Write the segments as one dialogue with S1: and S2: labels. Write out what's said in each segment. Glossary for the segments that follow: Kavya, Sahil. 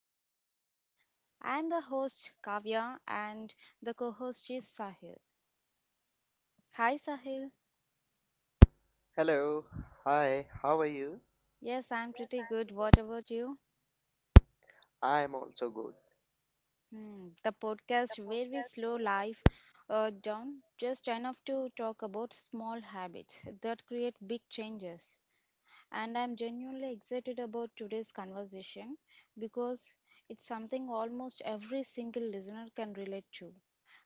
S1: to the podcast. I'm the host Kavya and the co-host is Sahil. Hi Sahil.
S2: Hello. Hi. How are you?
S1: Yes, I'm pretty good. What about you?
S2: I am also good.
S1: Hmm, the podcast where we slow life down just enough to talk about small habits that create big changes. And I'm genuinely excited about today's conversation because it's something almost every single listener can relate to,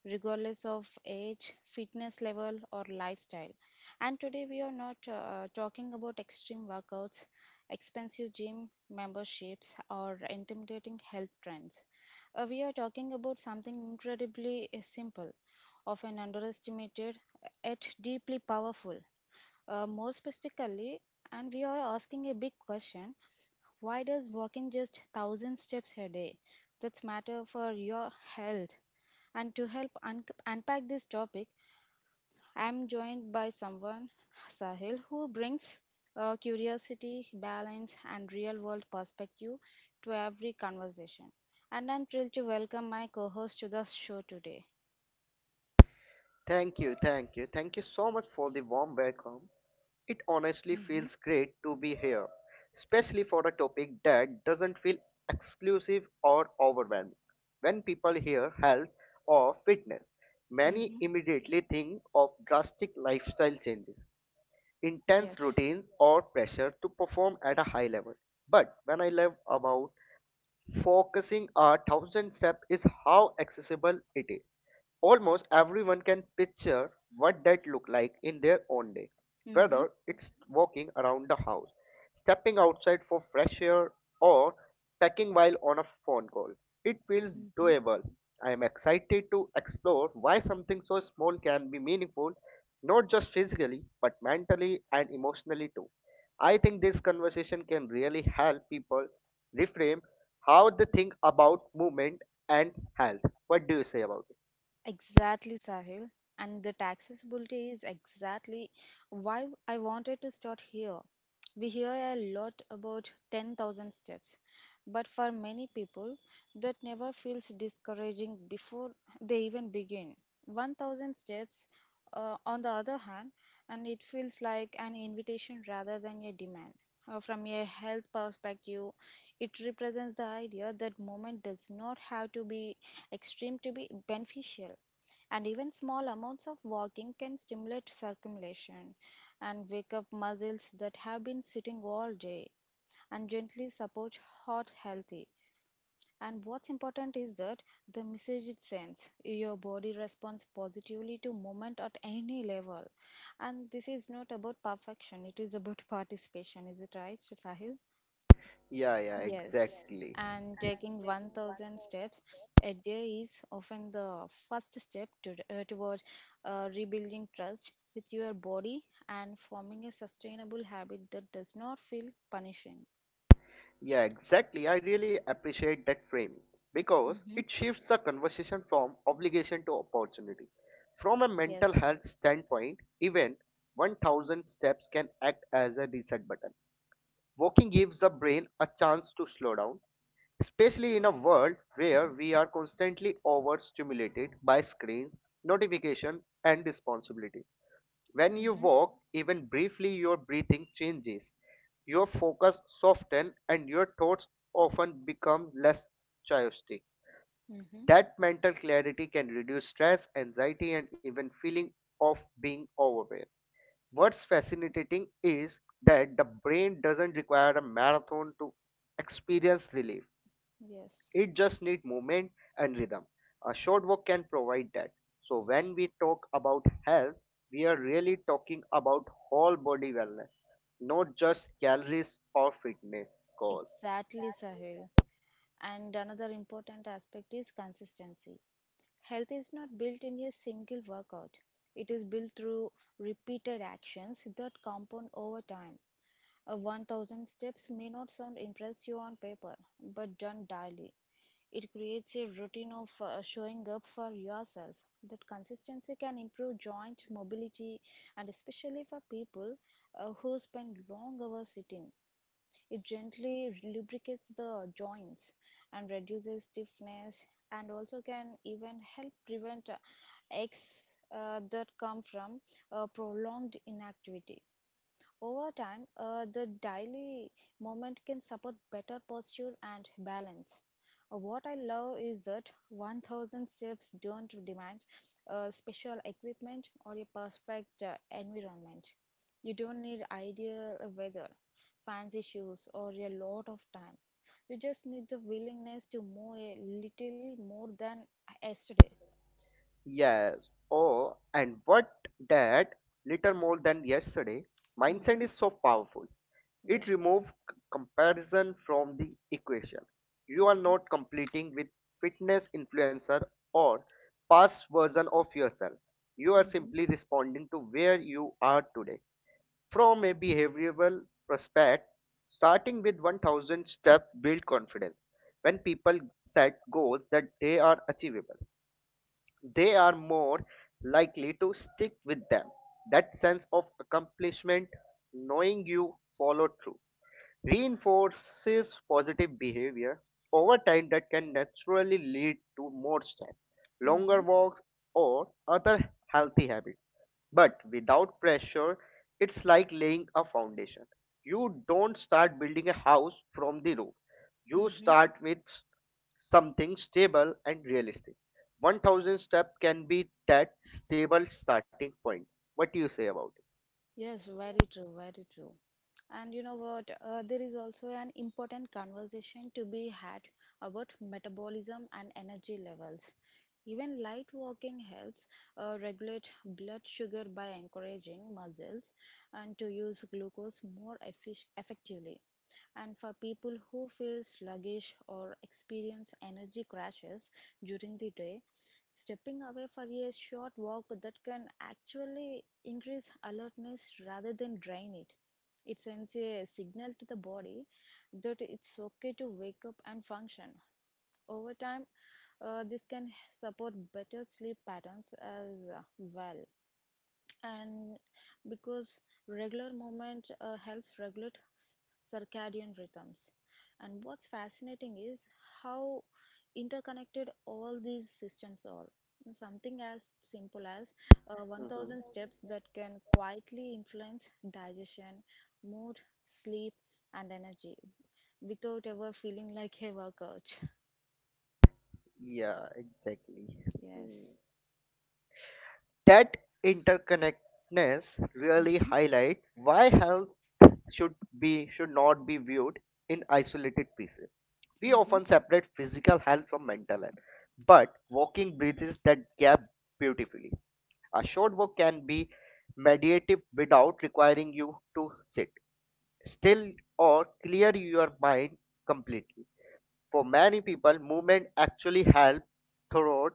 S1: regardless of age, fitness level, or lifestyle. And today we are not talking about extreme workouts, expensive gym memberships, or intimidating health trends. We are talking about something incredibly simple, often underestimated, yet deeply powerful, more specifically, and we are asking a big question: why does walking just 1000 steps a day that's matter for your health? And to help unpack this topic, I am joined by someone, Sahil, who brings curiosity, balance, and real world perspective to every conversation. And I'm thrilled to welcome my co-host to the show today.
S2: Thank you. Thank you. Thank you so much for the warm welcome. It honestly
S1: Mm-hmm.
S2: feels great to be here, especially for a topic that doesn't feel exclusive or overwhelming. When people hear health or fitness, many
S1: Mm-hmm.
S2: immediately think of drastic lifestyle changes, intense
S1: Yes.
S2: routines, or pressure to perform at a high level. But when I love about focusing a thousand step is how accessible it is. Almost everyone can picture what that looked like in their own day,
S1: Mm-hmm.
S2: whether it's walking around the house, stepping outside for fresh air, or packing while on a phone call. It feels doable. I am excited to explore why something so small can be meaningful, not just physically, but mentally and emotionally too. I think this conversation can really help people reframe how they think about movement and health. What do you say about it?
S1: Exactly, Sahil. And the taxability is exactly why I wanted to start here. We hear a lot about 10,000 steps, but for many people, that never feels discouraging before they even begin. 1,000 steps, on the other hand, and it feels like an invitation rather than a demand. From a health perspective, it represents the idea that movement does not have to be extreme to be beneficial. And even small amounts of walking can stimulate circulation and wake up muscles that have been sitting all day and gently support heart healthy. And what's important is that the message it sends: your body responds positively to movement at any level. And this is not about perfection, it is about participation. Is it right, Sahil?
S2: Yeah, yeah,
S1: Yes,
S2: exactly.
S1: and taking 1000 steps a day is often the first step to, toward rebuilding trust with your body and forming a sustainable habit that does not feel punishing.
S2: Yeah, exactly. I really appreciate that framing because
S1: Mm-hmm.
S2: it shifts the conversation from obligation to opportunity. From a mental
S1: Yes.
S2: health standpoint, even 1,000 steps can act as a reset button. Walking gives the brain a chance to slow down, especially in a world where we are constantly overstimulated by screens, notification, and responsibility. When you
S1: Mm-hmm.
S2: walk, even briefly, your breathing changes, your focus softens, and your thoughts often become less chaotic.
S1: Mm-hmm.
S2: That mental clarity can reduce stress, anxiety, and even feeling of being overwhelmed. What's fascinating is that the brain doesn't require a marathon to experience relief.
S1: Yes.
S2: It just needs movement and rhythm. A short walk can provide that. So when we talk about health, we are really talking about whole body wellness, not just calories or fitness goals.
S1: Exactly, Sahil. And another important aspect is consistency. Health is not built in a single workout. It is built through repeated actions that compound over time. A 1000 steps may not sound impressive on paper, but done daily, it creates a routine of showing up for yourself. That consistency can improve joint mobility, and especially for people who spend long hours sitting. It gently lubricates the joints and reduces stiffness and also can even help prevent aches that come from prolonged inactivity. Over time, the daily movement can support better posture and balance. What I love is that 1000 steps don't demand special equipment or a perfect environment. You don't need ideal weather, fancy shoes, or a lot of time. You just need the willingness to move a little more than yesterday.
S2: Yes. Oh, and what that little more than yesterday, mindset
S1: Mm-hmm.
S2: is so powerful. It
S1: Yes.
S2: removes comparison from the equation. You are
S1: Mm-hmm.
S2: not competing with fitness influencer or past version of yourself. You are
S1: Mm-hmm.
S2: simply responding to where you are today. From a behavioral prospect, starting with 1,000 steps build confidence. When people set goals that they are achievable, they are more likely to stick with them. That sense of accomplishment, knowing you follow through reinforces positive behavior over time that can naturally lead to more strength, longer walks, or other healthy habits. But without pressure, it's like laying a foundation. You don't start building a house from the roof, you
S1: Mm-hmm.
S2: start with something stable and realistic. 1,000 step can be that stable starting point. What do you say about
S1: Yes, very true, very true. And you know what? There is also an important conversation to be had about metabolism and energy levels. Even light walking helps regulate blood sugar by encouraging muscles and to use glucose more effectively. And for people who feel sluggish or experience energy crashes during the day, stepping away for a short walk that can actually increase alertness rather than drain it. It sends a signal to the body that it's okay to wake up and function. Over time, this can support better sleep patterns as well, and because regular movement helps regulate circadian rhythms. And what's fascinating is how interconnected all these systems are. Something as simple as
S2: it?
S1: 1000 steps that can quietly influence digestion, mood, sleep, and energy without ever feeling like a workout.
S2: Yeah, exactly. Hmm.
S1: Yes.
S2: That interconnectedness really
S1: Hmm.
S2: highlights why health should be should not be viewed in isolated pieces. We
S1: Mm-hmm.
S2: often separate physical health from mental health, but walking bridges that gap beautifully. A short walk can be meditative without requiring you to sit still or clear your mind completely. For many people, movement actually helps thought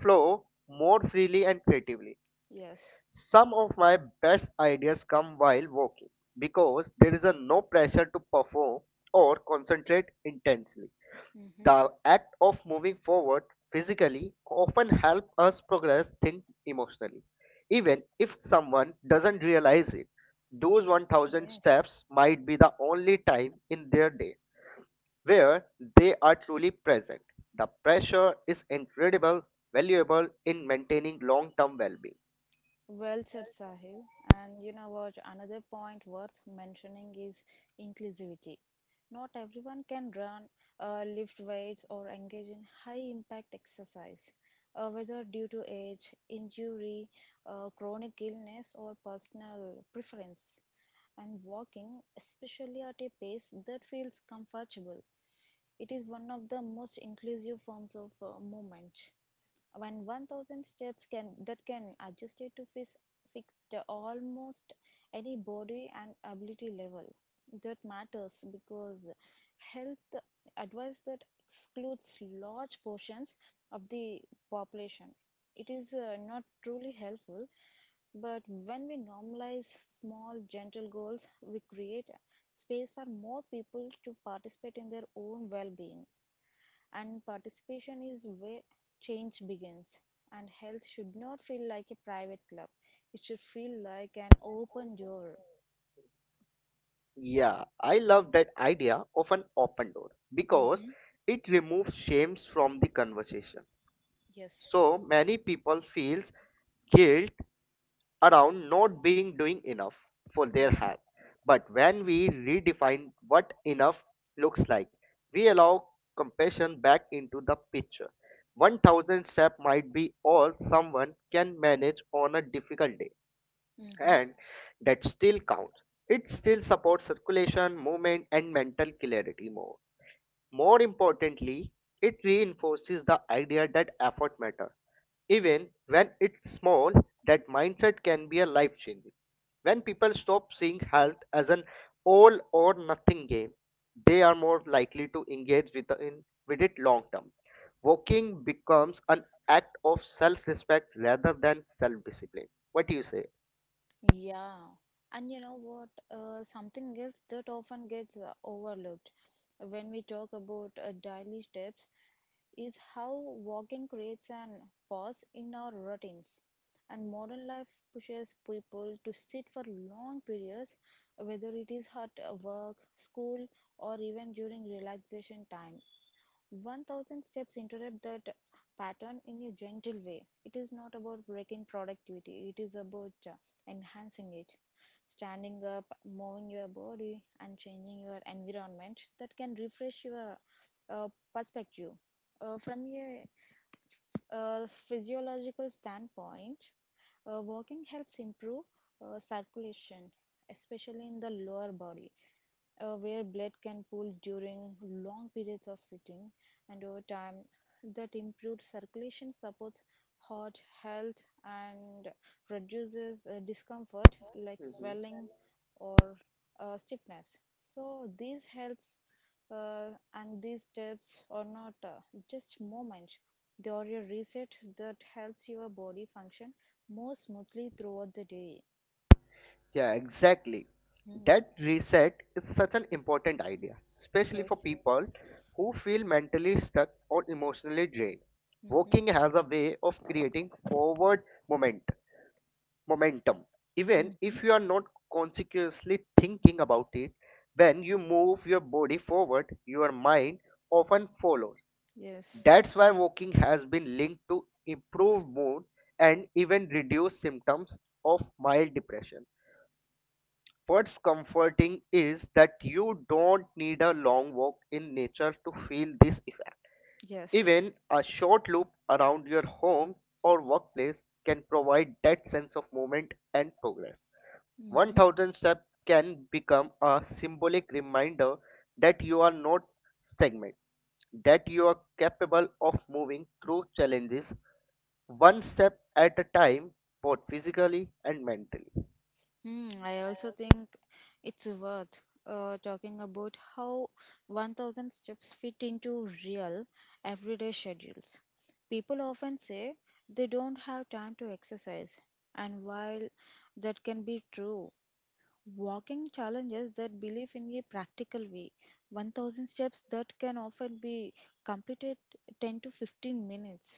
S2: flow more freely and creatively.
S1: Yes.
S2: Some of my best ideas come while walking because there is a no pressure to perform or concentrate intensely.
S1: Mm-hmm.
S2: The act of moving forward physically often helps us progress think emotionally. Even if someone doesn't realize it, those 1,000
S1: Yes.
S2: steps might be the only time in their day where they are truly present. The pressure is incredible valuable in maintaining long-term well-being.
S1: Well said, Sahil. And you know what? Another point worth mentioning is inclusivity. Not everyone can run, lift weights, or engage in high impact exercise, whether due to age, injury, chronic illness, or personal preference. And walking, especially at a pace that feels comfortable, it is one of the most inclusive forms of movement. When 1000 steps can that can adjust it to fix the almost any body and ability level. That matters because health advice that excludes large portions of the population it is not truly helpful. But when we normalize small, gentle goals, we create space for more people to participate in their own well-being. And participation is where change begins. And health should not feel like a private club, it should feel like an open door.
S2: Yeah, I love that idea of an open door because
S1: Mm-hmm.
S2: it removes shames from the conversation.
S1: Yes.
S2: So many people feels guilt around not being doing enough for their
S1: Mm-hmm.
S2: health. But when we redefine what enough looks like, we allow compassion back into the picture. 1,000 step might be all someone can manage on a difficult day
S1: Hmm.
S2: and that still counts. It still supports circulation, movement, and mental clarity more. More importantly, it reinforces the idea that effort matters. Even when it's small, that mindset can be a life changing. When people stop seeing health as an all or nothing game, they are more likely to engage with, in, with it long term. Walking becomes an act of self respect rather than self discipline. What do you say?
S1: Yeah, and you know what? Something else that often gets overlooked when we talk about daily steps is how walking creates an pause in our routines. And modern life pushes people to sit for long periods, whether it is at work, school, or even during relaxation time. 1000 steps interrupt that pattern in a gentle way. It is not about breaking productivity, it is about enhancing it. Standing up, moving your body, and changing your environment that can refresh your uh, perspective. From a physiological standpoint, walking helps improve circulation, especially in the lower body where blood can pool during long periods of sitting, and over time, that improved circulation supports heart health and reduces discomfort like swelling or stiffness. So, these helps and these steps are not just moments, they are a reset that helps your body function more smoothly throughout the day.
S2: Yeah, exactly.
S1: Hmm.
S2: That reset is such an important idea, especially for
S1: Yes.
S2: people who feel mentally stuck or emotionally drained.
S1: Mm-hmm.
S2: Walking has a way of creating forward moment, momentum. Even
S1: Mm-hmm.
S2: if you are not consciously thinking about it, when you move your body forward, your mind often follows.
S1: Yes.
S2: That's why walking has been linked to improved mood and even reduced symptoms of mild depression. What's comforting is that you don't need a long walk in nature to feel this effect.
S1: Yes.
S2: Even a short loop around your home or workplace can provide that sense of movement and progress.
S1: Mm-hmm.
S2: 1,000 steps can become a symbolic reminder that you are not stagnant, that you are capable of moving through challenges one step at a time, both physically and mentally.
S1: Mm, I also think it's worth talking about how 1000 steps fit into real everyday schedules. People often say they don't have time to exercise, and while that can be true, walking challenges that belief in a practical way. 1000 steps that can often be completed 10 to 15 minutes,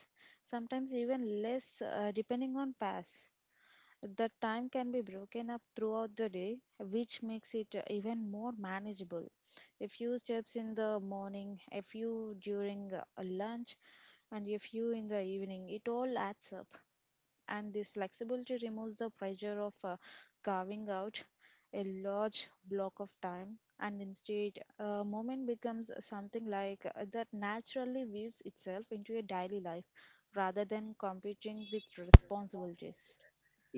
S1: sometimes even less, depending on pace. The time can be broken up throughout the day, which makes it even more manageable. A few steps in the morning, a few during lunch, and a few in the evening. It all adds up, and this flexibility removes the pressure of carving out a large block of time. And instead, a moment becomes something like that naturally weaves itself into a daily life rather than competing with responsibilities.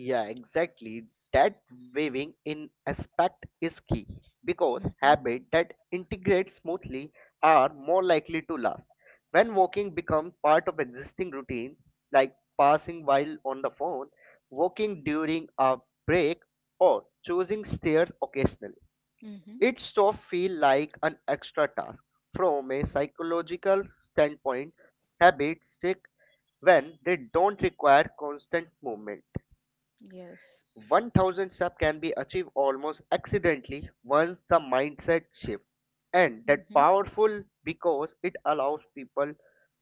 S2: Yeah, exactly. That waving in aspect is key because
S1: Mm-hmm.
S2: habits that integrate smoothly are more likely to last. When walking becomes part of existing routine, like passing while on the phone, walking during a break, or choosing stairs occasionally,
S1: Mm-hmm.
S2: it so feel like an extra task. From a psychological standpoint, habits stick when they don't require constant movement.
S1: Yes.
S2: 1,000 step can be achieved almost accidentally once the mindset shift, and that
S1: Hmm.
S2: powerful because it allows people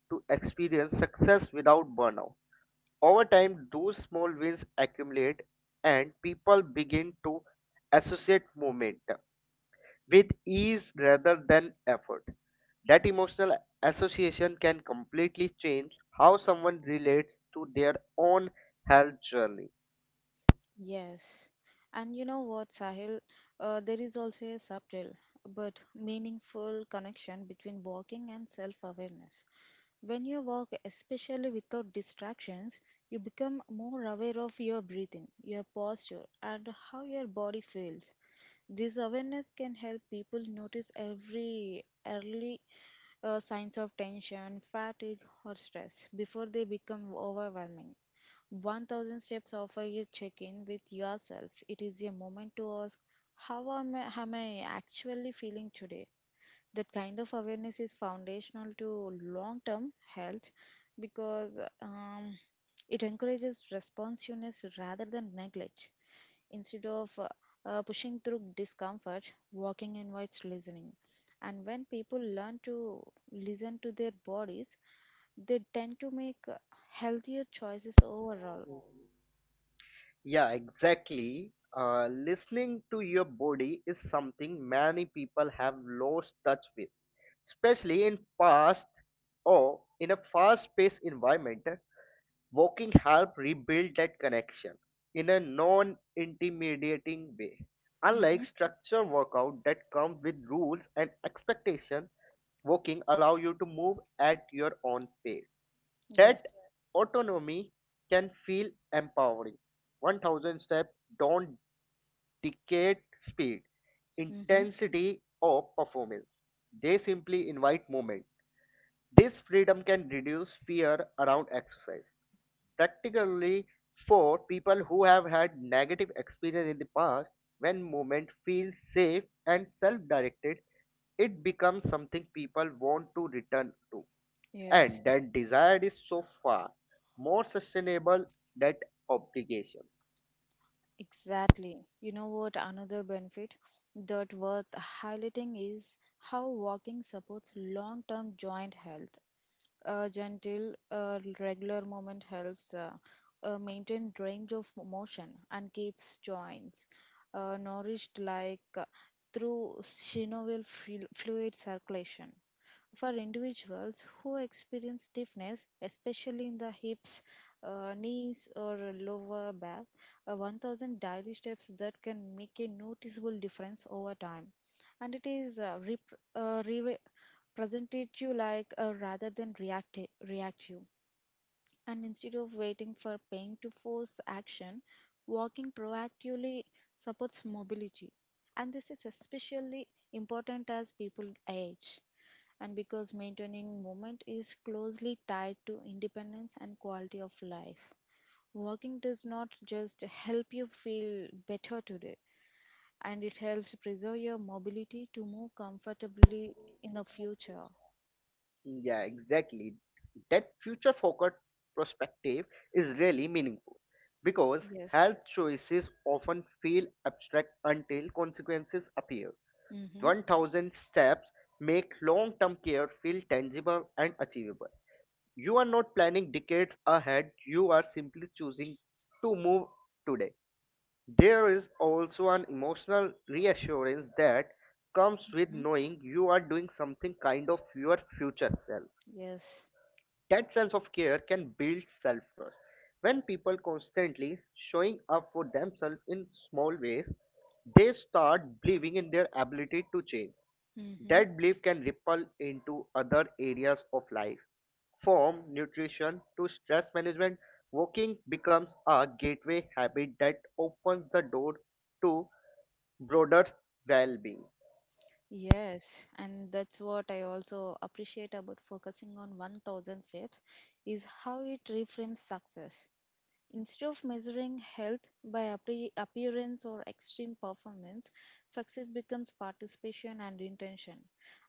S2: to experience success without burnout. Over time those small wins accumulate, and people begin to associate momentum with ease rather than effort. That emotional association can completely change how someone relates to their own health journey.
S1: Yes. And you know what, Sahil? There is also a subtle but meaningful connection between walking and self awareness. When you walk, especially without distractions, you become more aware of your breathing, your posture, and how your body feels. This awareness can help people notice every early signs of tension, fatigue, or stress before they become overwhelming. 1000 steps offer you check in with yourself. It is a moment to ask, how am I actually feeling today? That kind of awareness is foundational to long term health because it encourages responsiveness rather than neglect. Instead of pushing through discomfort, walking invites listening. And when people learn to listen to their bodies, they tend to make healthier choices overall.
S2: Yeah, exactly. Listening to your body is something many people have lost touch with, especially in past or in a fast-paced environment. Walking help rebuild that connection in a non-intimidating way. Unlike structured workout that comes with rules and expectation, walking allow you to move at your own pace.
S1: Yes.
S2: That autonomy can feel empowering. 1,000 steps don't dictate speed,
S1: Mm-hmm.
S2: intensity, or performance. They simply invite movement. This freedom can reduce fear around exercise. Practically, for people who have had negative experience in the past, when movement feels safe and self directed, it becomes something people want to return to,
S1: Yes,
S2: and that desire is so far more sustainable than obligations.
S1: exactly. You know what? Another benefit that worth highlighting is how walking supports long-term joint health. A gentle, regular movement helps maintain range of motion and keeps joints nourished like through synovial fluid circulation. For individuals who experience stiffness, especially in the hips, knees, or lower back, 1000 daily steps that can make a noticeable difference over time. And it is re- presented you like rather than react you, and instead of waiting for pain to force action, walking proactively supports mobility. And this is especially important as people age, and because maintaining movement is closely tied to independence and quality of life. Walking does not just help you feel better today, and it helps preserve your mobility to move comfortably in the future.
S2: Yeah, exactly. That future focused perspective is really meaningful because
S1: Yes.
S2: health choices often feel abstract until consequences appear.
S1: Mm-hmm.
S2: 1,000 steps make long term care feel tangible and achievable. You are not planning decades ahead, you are simply choosing to move today. There is also an emotional reassurance that comes with
S1: Mm-hmm.
S2: knowing you are doing something kind of your future self.
S1: Yes.
S2: That sense of care can build self trust. When people constantly showing up for themselves in small ways, they start believing in their ability to change.
S1: Mm-hmm.
S2: That belief can ripple into other areas of life. From nutrition to stress management, walking becomes a gateway habit that opens the door to broader well-being.
S1: Yes. And that's what I also appreciate about focusing on 1000 steps is how it reframes success. Instead of measuring health by appearance or extreme performance, success becomes participation and intention.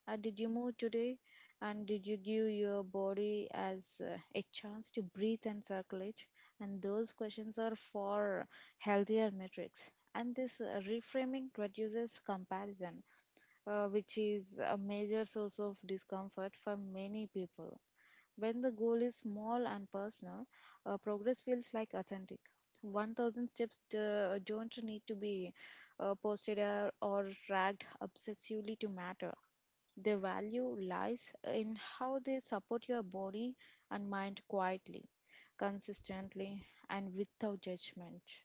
S1: Did you move today? And did you give your body as a chance to breathe and circulate? And those questions are for healthier metrics. And this reframing reduces comparison, which is a major source of discomfort for many people. When the goal is small and personal, progress feels like authentic. 1000 steps don't need to be posted or tracked obsessively to matter. The value lies in how they support your body and mind quietly, consistently, and without judgment.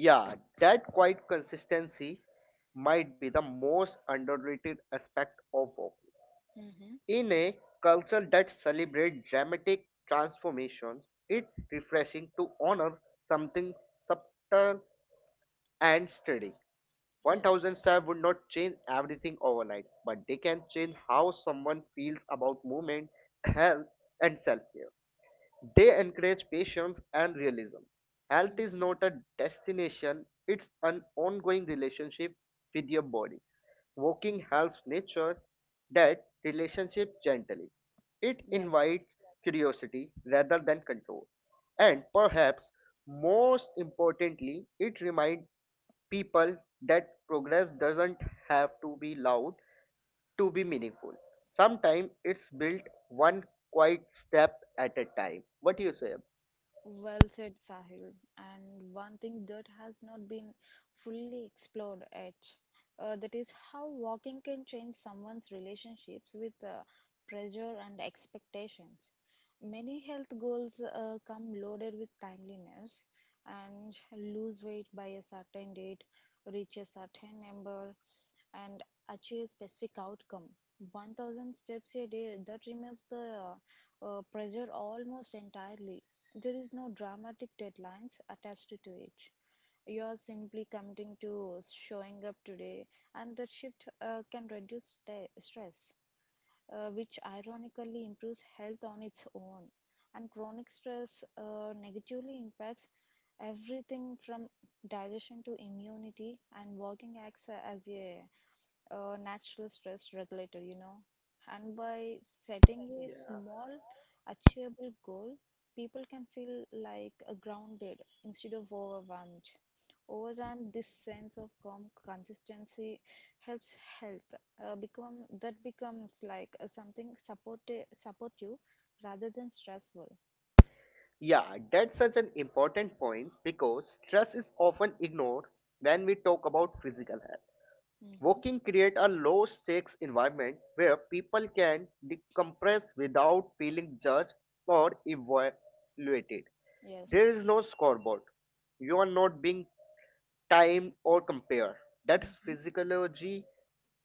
S2: Yeah, that quiet consistency might be the most underrated aspect of walking.
S1: Mm-hmm.
S2: In a culture that celebrates dramatic transformations, it's refreshing to honor something subtle and steady.
S1: Yes.
S2: 1,000 steps would not change everything overnight, but they can change how someone feels about movement, health, and self care. They encourage patience and realism. Health is
S1: Mm-hmm.
S2: not a destination, it's an ongoing relationship with your body. Walking
S1: Mm-hmm.
S2: helps nature that relationship gently. It
S1: Yes.
S2: invites curiosity rather than control. And perhaps most importantly, it reminds people that progress doesn't have to be loud to be meaningful. Sometimes it's built one quiet step at a time. What do you say?
S1: Well said, Sahil. And one thing that has not been fully explored yet, that is how walking can change someone's relationships with pressure and expectations. Many health goals come loaded with timeliness and lose weight by a certain date, reach a certain number, and achieve a specific outcome. 1,000 steps a day that removes the pressure almost entirely. There is no dramatic deadlines attached to it. You are simply committing to showing up today, and that shift can reduce stress, which ironically improves health on its own. And chronic stress negatively impacts everything from digestion to immunity, and walking acts as a natural stress regulator, you know. And by setting a small, achievable goal, people can feel like grounded instead of overwhelmed. Over time, this sense of calm consistency helps health becomes like something supportive, support you rather than stressful.
S2: Yeah, that's such an important point because stress is often ignored when we talk about physical health.
S1: Mm-hmm.
S2: Walking creates a low stakes environment where people can decompress without feeling judged or evaluated. There
S1: Yes.
S2: is no scoreboard. You are not being timed or compared. That's
S1: Mm-hmm.
S2: physiology,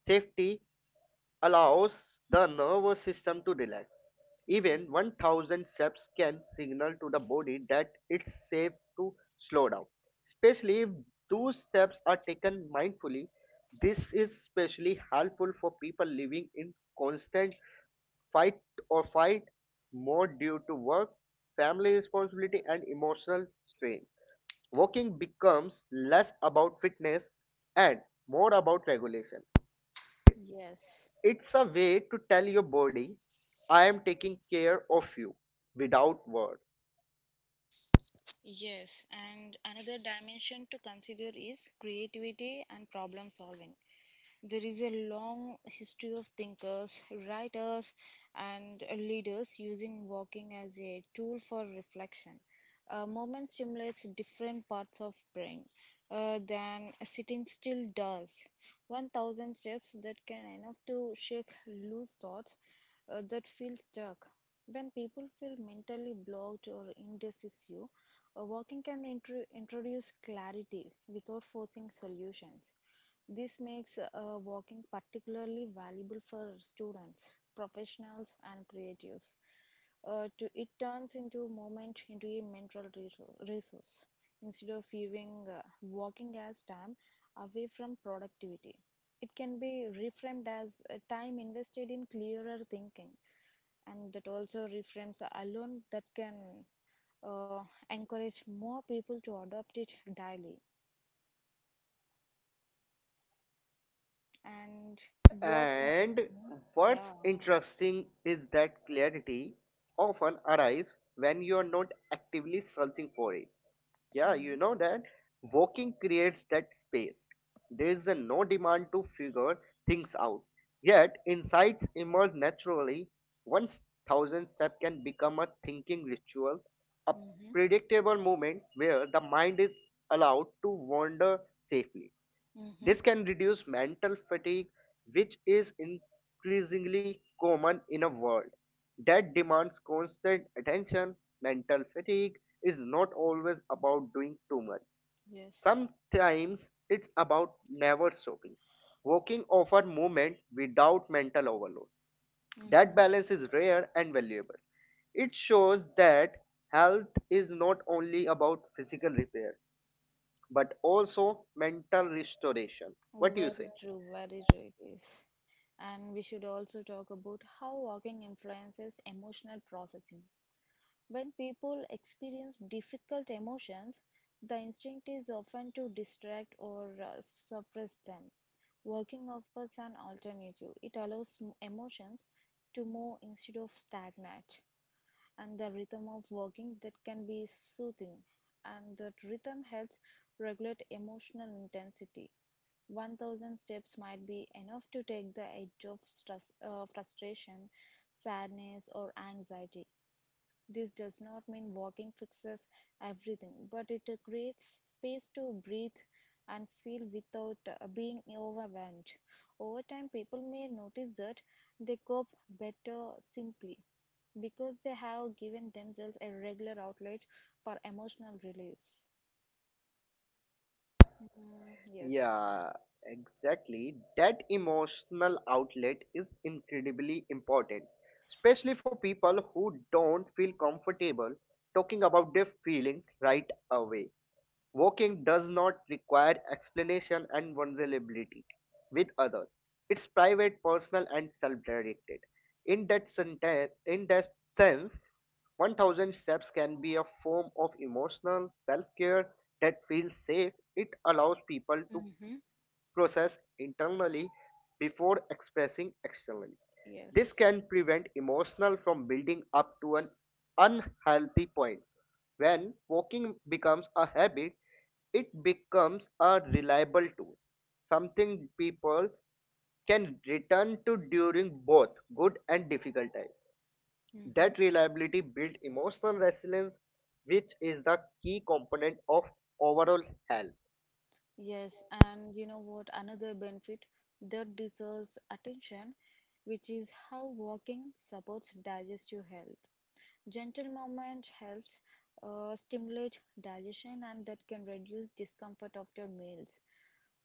S2: safety, allows the nervous system to relax.
S1: Mm-hmm.
S2: Even 1,000 steps can signal to the body that it's safe to slow down. Especially if those steps are taken mindfully, this is especially helpful for people living in constant fight or fight mode due to work, family responsibility, and emotional strain. Walking becomes less about fitness and more about regulation.
S1: Yes.
S2: It's a way to tell your body, I am taking care of you without words.
S1: Yes, and another dimension to consider is creativity and problem solving. There is a long history of thinkers, writers, and leaders using walking as a tool for reflection. A movement stimulates different parts of brain than sitting still does. 1,000 steps that can enough to shake loose thoughts that feel stuck. When people feel mentally blocked or indecisive, a working can introduce clarity without forcing solutions. This makes walking particularly valuable for students, professionals, and creatives. It turns into moment into a mental resource instead of viewing walking as time away from productivity. It can be reframed as time invested in clearer thinking, and that also reframes alone that can uh, encourage more people to adopt it daily. And what's
S2: And
S1: interesting,
S2: what's
S1: yeah.
S2: interesting is that clarity often arrives when you are not actively searching for it. Yeah,
S1: Mm-hmm.
S2: you know that walking creates that space. There is a no demand to figure things out. Yet insights emerge naturally. 1,000 step can become a thinking ritual, a
S1: Mm-hmm.
S2: predictable moment where the mind is allowed to wander safely.
S1: Mm-hmm.
S2: This can reduce mental fatigue, which is increasingly common in a world that demands constant attention. Mental fatigue is not always about doing too much.
S1: Yes.
S2: Sometimes it's about never stopping. Walking offer movement without mental overload. That
S1: Mm-hmm.
S2: balance is rare and valuable. It shows that health is not only about physical repair but also mental restoration. What do you say?
S1: Very true it is. And we should also talk about how walking influences emotional processing. When people experience difficult emotions, the instinct is often to distract or suppress them. Working offers an alternative. It allows emotions to move instead of stagnate, and the rhythm of working that can be soothing. And that rhythm helps regulate emotional intensity. 1,000 steps might be enough to take the edge of stress, frustration, sadness, or anxiety. This does not mean walking fixes everything, but it creates space to breathe and feel without being overwhelmed. Over time, people may notice that they cope better simply because they have given themselves a regular outlet for emotional release. Mm, yes.
S2: Yeah, exactly. That emotional outlet is incredibly important, especially for people who don't feel comfortable talking about their feelings right away. Walking does not require explanation and vulnerability with others. It's private, personal, and self-directed. In that sense, 1,000 steps can be a form of emotional self-care that feels safe. It allows people to
S1: Mm-hmm.
S2: process internally before expressing externally. This
S1: Yes.
S2: can prevent emotional from building up to an unhealthy point. When walking becomes a habit, it becomes a reliable tool, something people can return to during both good and difficult times.
S1: Mm-hmm.
S2: That reliability builds emotional resilience, which is the key component of overall health.
S1: Yes, and you know what? Another benefit that deserves attention, which is how walking supports digestive health. Gentle movement helps stimulate digestion, and that can reduce discomfort after meals.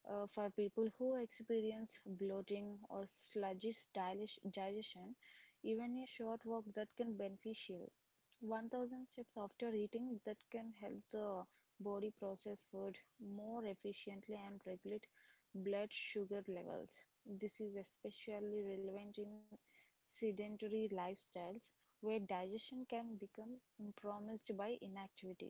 S1: For people who experience bloating or sluggish digestion, even a short walk that can beneficial. 1,000 steps after eating that can help the body process food more efficiently and regulate blood sugar levels. This is especially relevant in sedentary lifestyles where digestion can become compromised by inactivity.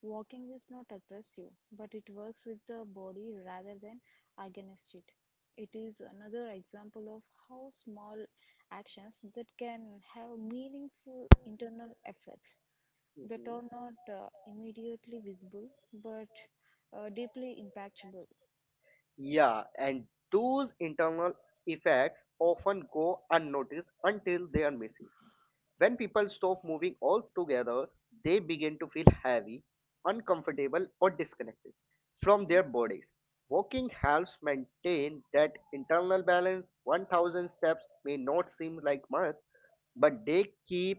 S1: Walking is not aggressive, but it works with the body rather than against it. It is another example of how small actions that can have meaningful internal effects that are
S2: Mhm.
S1: not immediately visible but deeply impactable.
S2: Yeah, and those internal effects often go unnoticed until they are missing. When people stop moving altogether, they begin to feel heavy, uncomfortable, or disconnected from
S1: Hmm.
S2: their bodies. Walking helps maintain that internal balance. 1,000 steps may not seem like much, but they keep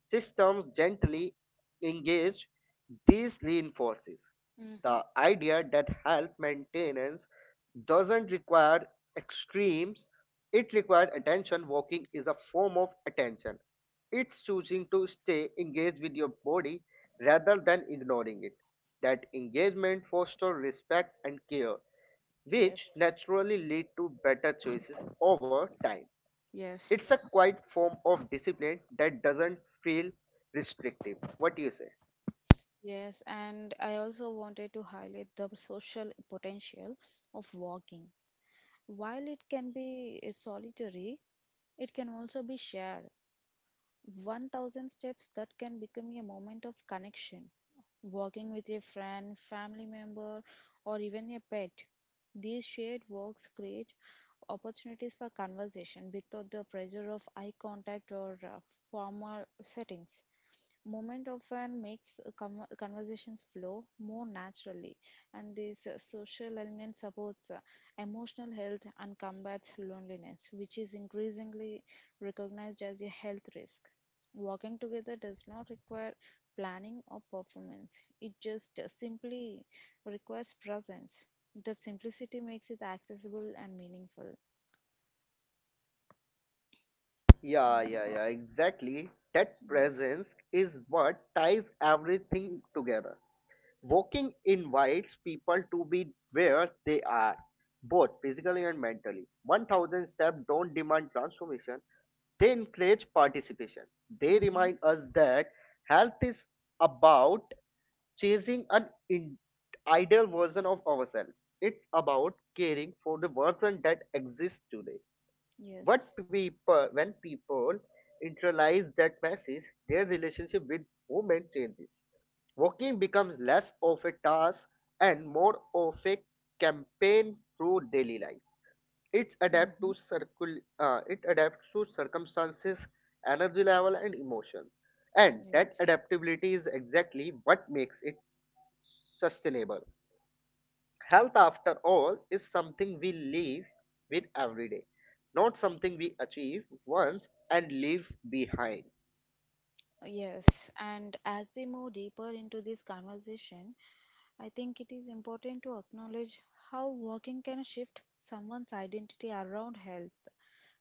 S2: systems gently engaged. This reinforces
S1: Hmm.
S2: the idea that health maintenance doesn't require extremes, it requires attention. Walking is a form of attention. It's choosing to stay engaged with your body rather than ignoring it. That engagement fosters respect and care,
S1: Yes,
S2: which naturally lead to better choices over time.
S1: yes,
S2: It's a quiet form of discipline that doesn't feel restrictive. What do you say?
S1: yes. And I also wanted to highlight the social potential of walking. While it can be solitary, it can also be shared. 1,000 steps that can become a moment of connection, walking with a friend, family member, or even a pet. These shared walks create opportunities for conversation without the pressure of eye contact or formal settings. Movement often makes conversations flow more naturally, and this social element supports emotional health and combats loneliness, which is increasingly recognized as a health risk. Walking together does not require planning or performance, it just simply requires presence. That simplicity makes it accessible and meaningful.
S2: Yeah, yeah,
S1: Mm.
S2: yeah, exactly. That
S1: Yes.
S2: presence is what ties everything together. Walking invites people to be where they are, both physically and mentally. 1,000 steps don't demand transformation, they encourage participation. They
S1: Mm-hmm.
S2: remind us that health is about chasing an ideal version of ourselves. It's about caring for the version that exists today.
S1: Yes.
S2: When people internalize that message, their relationship with movement changes. Walking becomes less of a task and more of a campaign through daily life. It's adapt
S1: Mm-hmm.
S2: to circul- uh, it adapts to circumstances, energy level, and emotions. And that
S1: Yes.
S2: adaptability is exactly what makes it sustainable. Health, after all, is something we live with every day, not something we achieve once and leave behind.
S1: Yes. And as we move deeper into this conversation, I think it is important to acknowledge how working can shift someone's identity around health.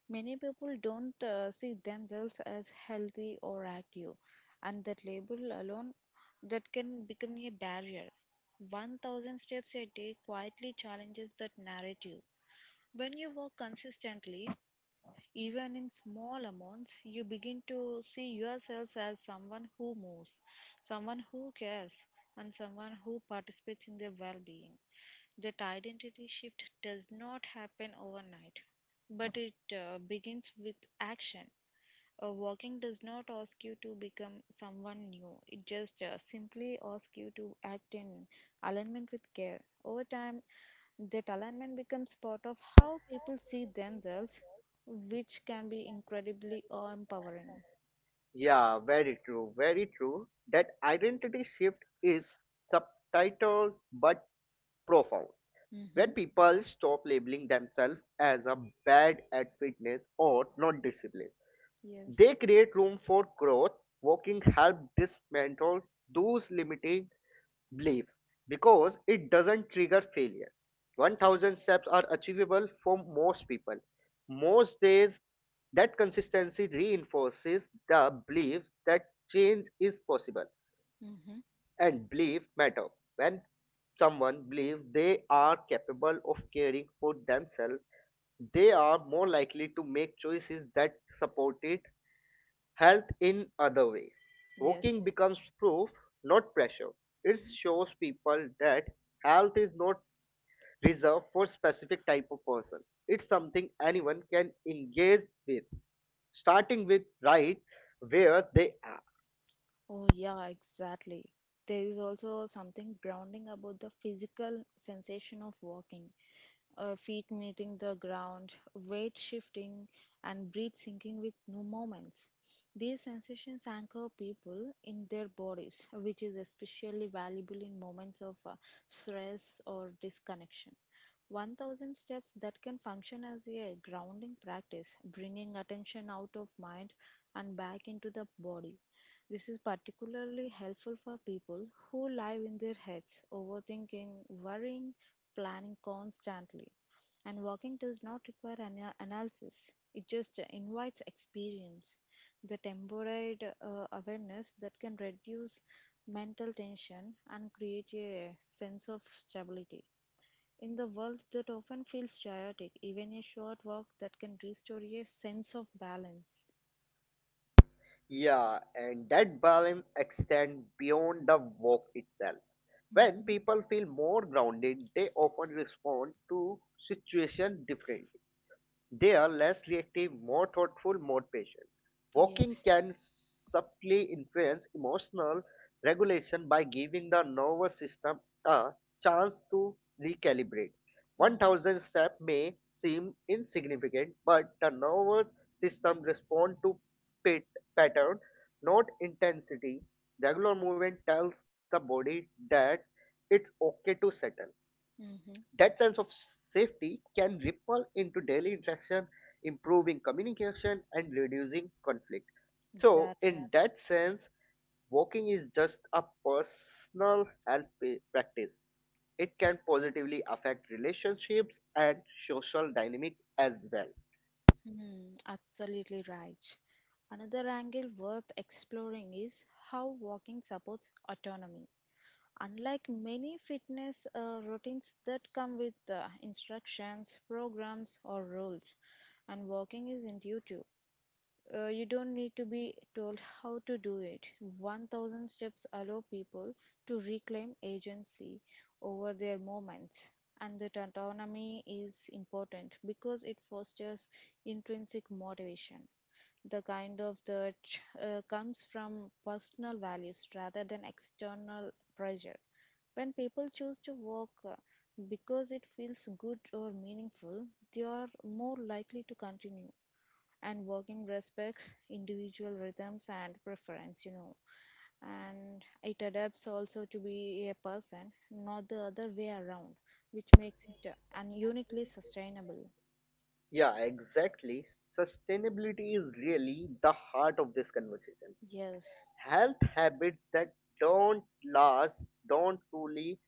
S1: Many people don't see themselves as healthy or active, and that label alone that can become a barrier. 1,000 steps a day quietly challenges that narrative. When you work consistently, even in small amounts, you begin to see yourself as someone who moves, someone who cares, and someone who participates in their well being. That identity shift does not happen overnight, but it begins with action. Walking does not ask you to become someone new. It just simply asks you to act in alignment with care. Over time, that alignment becomes part of how people see themselves, which can be incredibly empowering.
S2: Yeah, very true, very true. That identity shift is subtitled but profound.
S1: Mm-hmm.
S2: When people stop labeling themselves as a bad at fitness or not disciplined, they
S1: Yes.
S2: create room for growth. Walking help dismantle those limiting beliefs because it doesn't trigger failure. 1,000
S1: Yes.
S2: steps are achievable for most people. Most days, that consistency reinforces the belief that change is possible
S1: Mm-hmm.
S2: and belief matter. When someone believes they are capable of caring for themselves, they are more likely to make choices that support it health in other way. Walking
S1: Yes.
S2: becomes proof, not pressure. It shows people that health is not reserved for specific type of person. It's something anyone can engage with, starting with right where they are.
S1: Oh, yeah, exactly. There is also something grounding about the physical sensation of walking. Feet meeting the ground, weight shifting, and breath sinking with no moments. These sensations anchor people in their bodies, which is especially valuable in moments of stress or disconnection. 1,000 steps that can function as a grounding practice, bringing attention out of mind and back into the body. This is particularly helpful for people who live in their heads, overthinking, worrying, planning constantly. And walking does not require an analysis, it just invites experience. The temporary awareness that can reduce mental tension and create a sense of stability. In the world that often feels chaotic, even a short walk that can restore a sense of balance.
S2: Yeah, and that balance extends beyond the walk itself. When
S1: Hmm.
S2: people feel more grounded, they often respond to situation differently. They are less reactive, more thoughtful, more patient. Walking
S1: Yes.
S2: can subtly influence emotional regulation by giving the nervous system a chance to recalibrate.
S1: Mm-hmm.
S2: 1,000 steps may seem insignificant, but the nervous system responds to pat- pattern, not intensity. Regular movement tells the body that it's okay to settle.
S1: Mm-hmm.
S2: That sense of safety can ripple into daily interaction, improving communication and reducing conflict. So,
S1: Exactly.
S2: in that sense, walking is just a personal health practice. It can positively affect relationships and social dynamic as well.
S1: Hmm, absolutely right. Another angle worth exploring is how walking supports autonomy. Unlike many fitness routines that come with instructions, programs, or rules, and walking is intuitive. You don't need to be told how to do it. 1,000 steps allow people to reclaim agency over their moments. And that autonomy is important because it fosters intrinsic motivation. The kind of that comes from personal values rather than external pressure. When people choose to work because it feels good or meaningful, they are more likely to continue, and working respects individual rhythms and preference, you know, and it adapts also to be a person, not the other way around, which makes it uniquely sustainable.
S2: Yeah, exactly. Sustainability is really the heart of this conversation.
S1: Yes.
S2: Help habits that don't last don't truly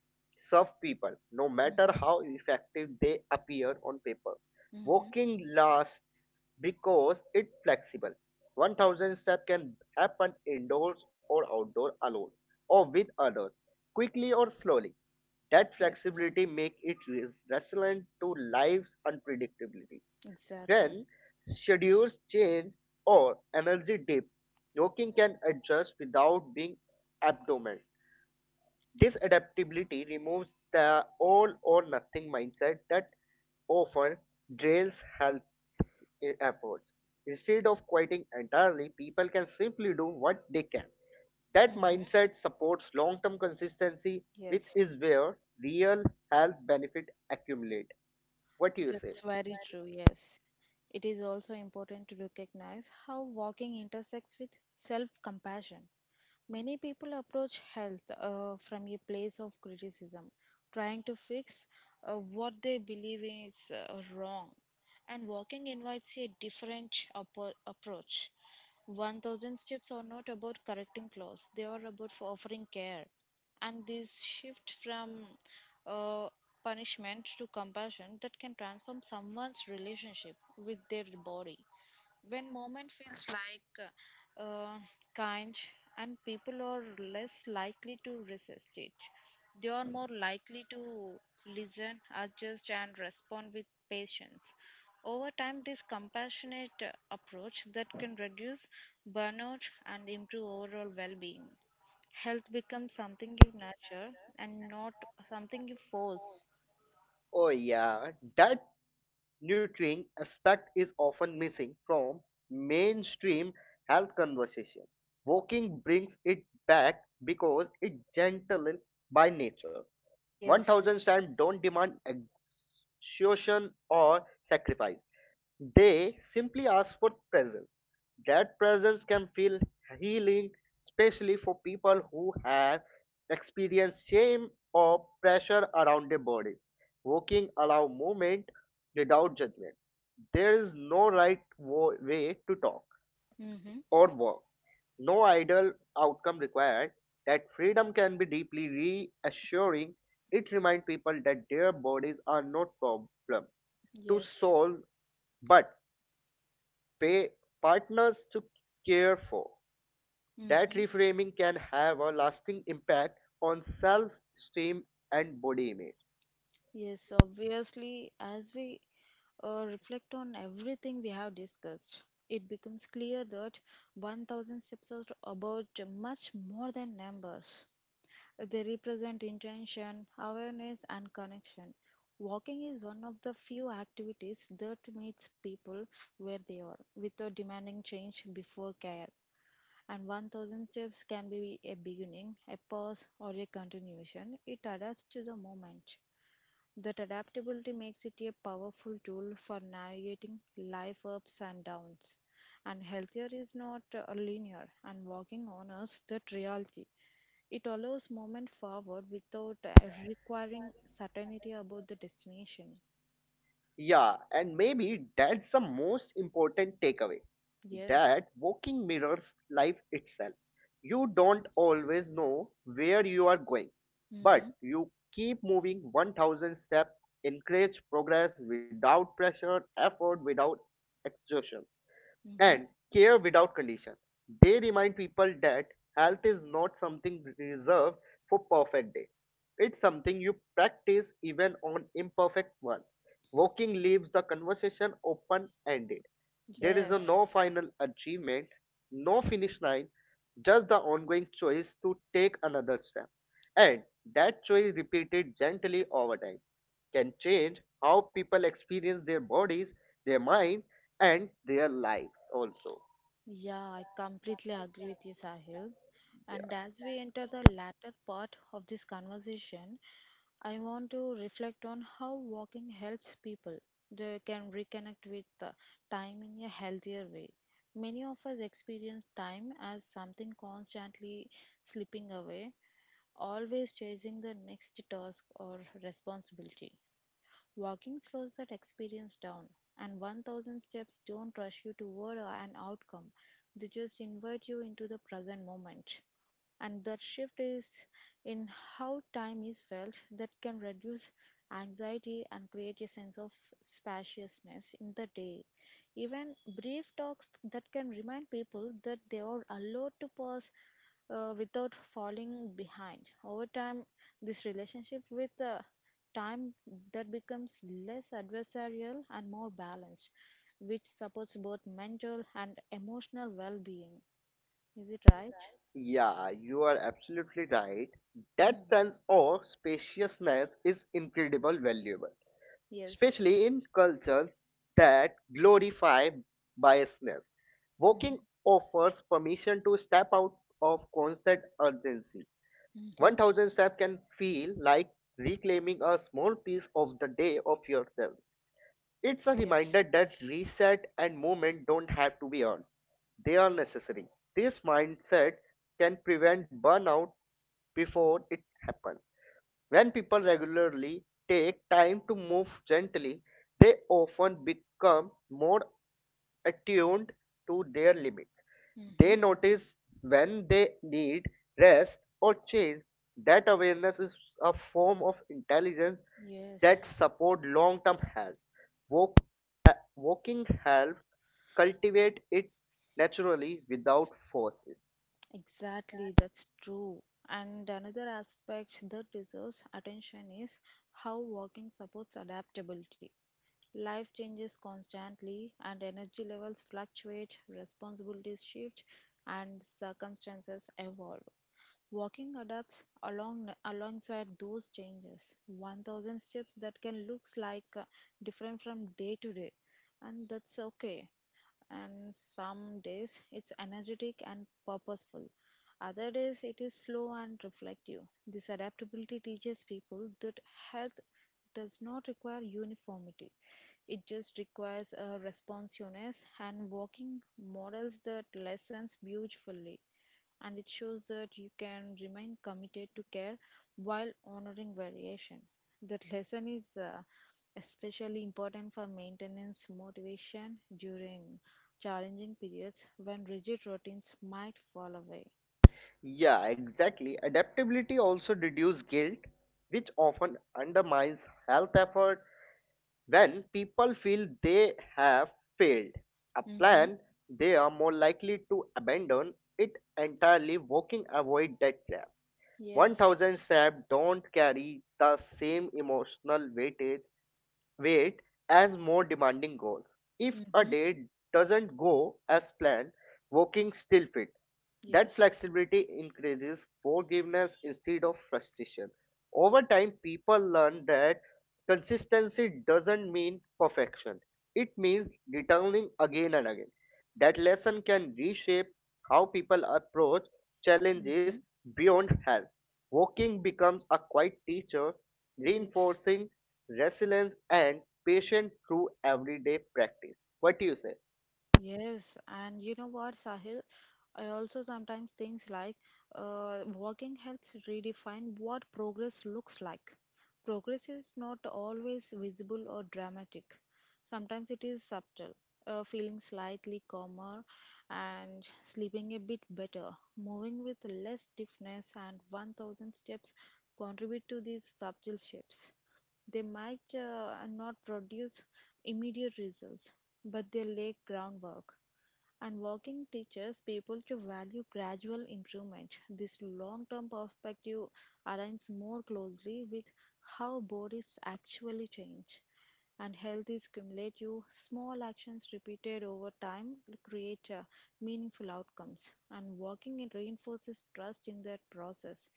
S2: serve people no matter
S1: Hmm.
S2: how effective they appear on paper.
S1: Mm-hmm.
S2: Walking lasts because it's flexible. 1,000 steps can happen indoors or outdoors, alone or with others, quickly or slowly. That
S1: Yes.
S2: flexibility makes it resilient to life's unpredictability.
S1: Exactly.
S2: When schedules change or energy dip, working can adjust without being abnormal. This adaptability removes the all or nothing mindset that often drills health efforts. Instead of quitting entirely, people can simply do what they can. That
S1: Mm-hmm.
S2: mindset supports long term consistency, which
S1: Yes.
S2: is where real health benefit accumulate. What do you say?
S1: That's very true, yes. It is also important to recognize how walking intersects with self compassion. Many people approach health from a place of criticism, trying to fix what they believe is wrong. And walking invites a different approach. 1,000 steps are not about correcting flaws, they are about for offering care, and this shift from uh, punishment to compassion that can transform someone's relationship with their body. When moment feels like kind, and people are less likely to resist it, they are more likely to listen, adjust, and respond with patience. Over time, this compassionate approach that can reduce burnout and improve overall well-being. Health becomes something you nurture and not something you force.
S2: Oh yeah, that nurturing aspect is often missing from mainstream health conversation. Walking brings it back because it's gentle by nature.
S1: Yes.
S2: 1,000 steps don't demand exhaustion or sacrifice. They simply ask for presence. That presence can feel healing, especially for people who have experienced shame or pressure around their body. Walking allow movement without judgment. There is no right way to talk
S1: Mm-hmm.
S2: or walk. No ideal outcome required. That freedom can be deeply reassuring. It reminds people that their bodies are not problem to
S1: Yes.
S2: solve, but pay partners to care for. That
S1: Mm-hmm.
S2: reframing can have a lasting impact on self esteem and body image.
S1: Yes, obviously, as we reflect on everything we have discussed, it becomes clear that 1,000 steps are about much more than numbers. They represent intention, awareness, and connection. Walking is one of the few activities that meets people where they are without demanding change before care, and 1,000 steps can be a beginning, a pause, or a continuation. It adapts to the moment. That adaptability makes it a powerful tool for navigating life ups and downs. And healthier is not linear, and walking honors that reality. It allows movement forward without requiring certainty about the destination.
S2: Yeah, and maybe that's the most important takeaway,
S1: Yes.
S2: that walking mirrors life itself. You don't always know where you are going, but
S1: Mm-hmm.
S2: you keep moving. 1,000 steps encourage progress without pressure, effort without exhaustion,
S1: Mm-hmm.
S2: and care without condition. They remind people that health is not something reserved for perfect day. It's something you practice even on imperfect one. Walking leaves the conversation open ended. There is
S1: Yes.
S2: no final achievement, no finish line, just the ongoing choice to take another step. And that choice repeated gently over time can change how people experience their bodies, their mind, and their lives also.
S1: Yeah, I completely agree with you, Sahil.
S2: Yeah,
S1: And as we enter the latter part of this conversation, I want to reflect on how walking helps people. They can reconnect with time in a healthier way. Many of us experience time as something constantly slipping away, always chasing the next task or responsibility. Walking slows that experience down, and 1,000 steps don't rush you toward an outcome, they just invite you into the present moment, and that shift is in how time is felt that can reduce anxiety and create a sense of spaciousness in the day. Even brief talks that can remind people that they are allowed to pause without falling behind. Over time, this relationship with time that becomes less adversarial and more balanced, which supports both mental and emotional well-being. Is it right?
S2: yeah, you are absolutely right. That
S1: Mm.
S2: sense of spaciousness is incredible valuable,
S1: Yes.
S2: especially in cultures that glorify biasness.
S1: Mm-hmm.
S2: Walking offers permission to step out of constant urgency.
S1: Mm-hmm.
S2: 1,000 steps can feel like reclaiming a small piece of the day of yourself. It's a reminder
S1: Yes.
S2: that reset and movement don't have to be earned, they are necessary. This mindset can prevent burnout before it happens. When people regularly take time to move gently, they often become more attuned to their limits.
S1: Mm-hmm.
S2: They notice when they need rest or change. That awareness is a form of intelligence that
S1: Yes.
S2: support long-term health. Walk, walking helps cultivate it naturally without forces.
S1: Exactly. That's true. And another aspect that deserves attention is how walking supports adaptability. Life changes constantly, and energy levels fluctuate, responsibilities shift, and circumstances evolve. Walking adapts along alongside those changes. 1,000 steps that can looks like different from day to day, and that's okay. And some days it's energetic and purposeful. Other days it is slow and reflective. This adaptability teaches people that health does not require uniformity. It just requires a responsiveness, and walking models that lessons beautifully. And it shows that you can remain committed to care while honoring variation. That lesson is especially important for maintenance motivation during challenging periods when rigid routines might fall away.
S2: Yeah, exactly. Adaptability also reduces guilt, which often undermines health effort. When people feel they have failed a
S1: Mm-hmm.
S2: plan, they are more likely to abandon it entirely. Walking avoid that trap.
S1: Yes.
S2: 1,000 steps don't carry the same emotional weight as more demanding goals. If a
S1: Mm-hmm.
S2: day doesn't go as planned, walking still fit. That
S1: Yes.
S2: flexibility increases forgiveness instead of frustration. Over time, people learn that consistency doesn't mean perfection, it means returning again and again. That lesson can reshape how people approach challenges
S1: Mm-hmm.
S2: beyond health. Walking becomes a quiet teacher,
S1: Yes.
S2: reinforcing resilience and patience through everyday practice. What do you say?
S1: Yes, and you know what, Sahil? I also sometimes things like walking helps redefine what progress looks like. Progress is not always visible or dramatic. Sometimes it is subtle, feeling slightly calmer and sleeping a bit better, moving with less stiffness, and 1,000 steps contribute to these subtle shifts. They might not produce immediate results, but they lay groundwork. And working teaches people to value gradual improvement. This long term perspective aligns more closely with how bodies actually change. And health is cumulative. Small actions repeated over time create meaningful outcomes. And working it reinforces trust in that process,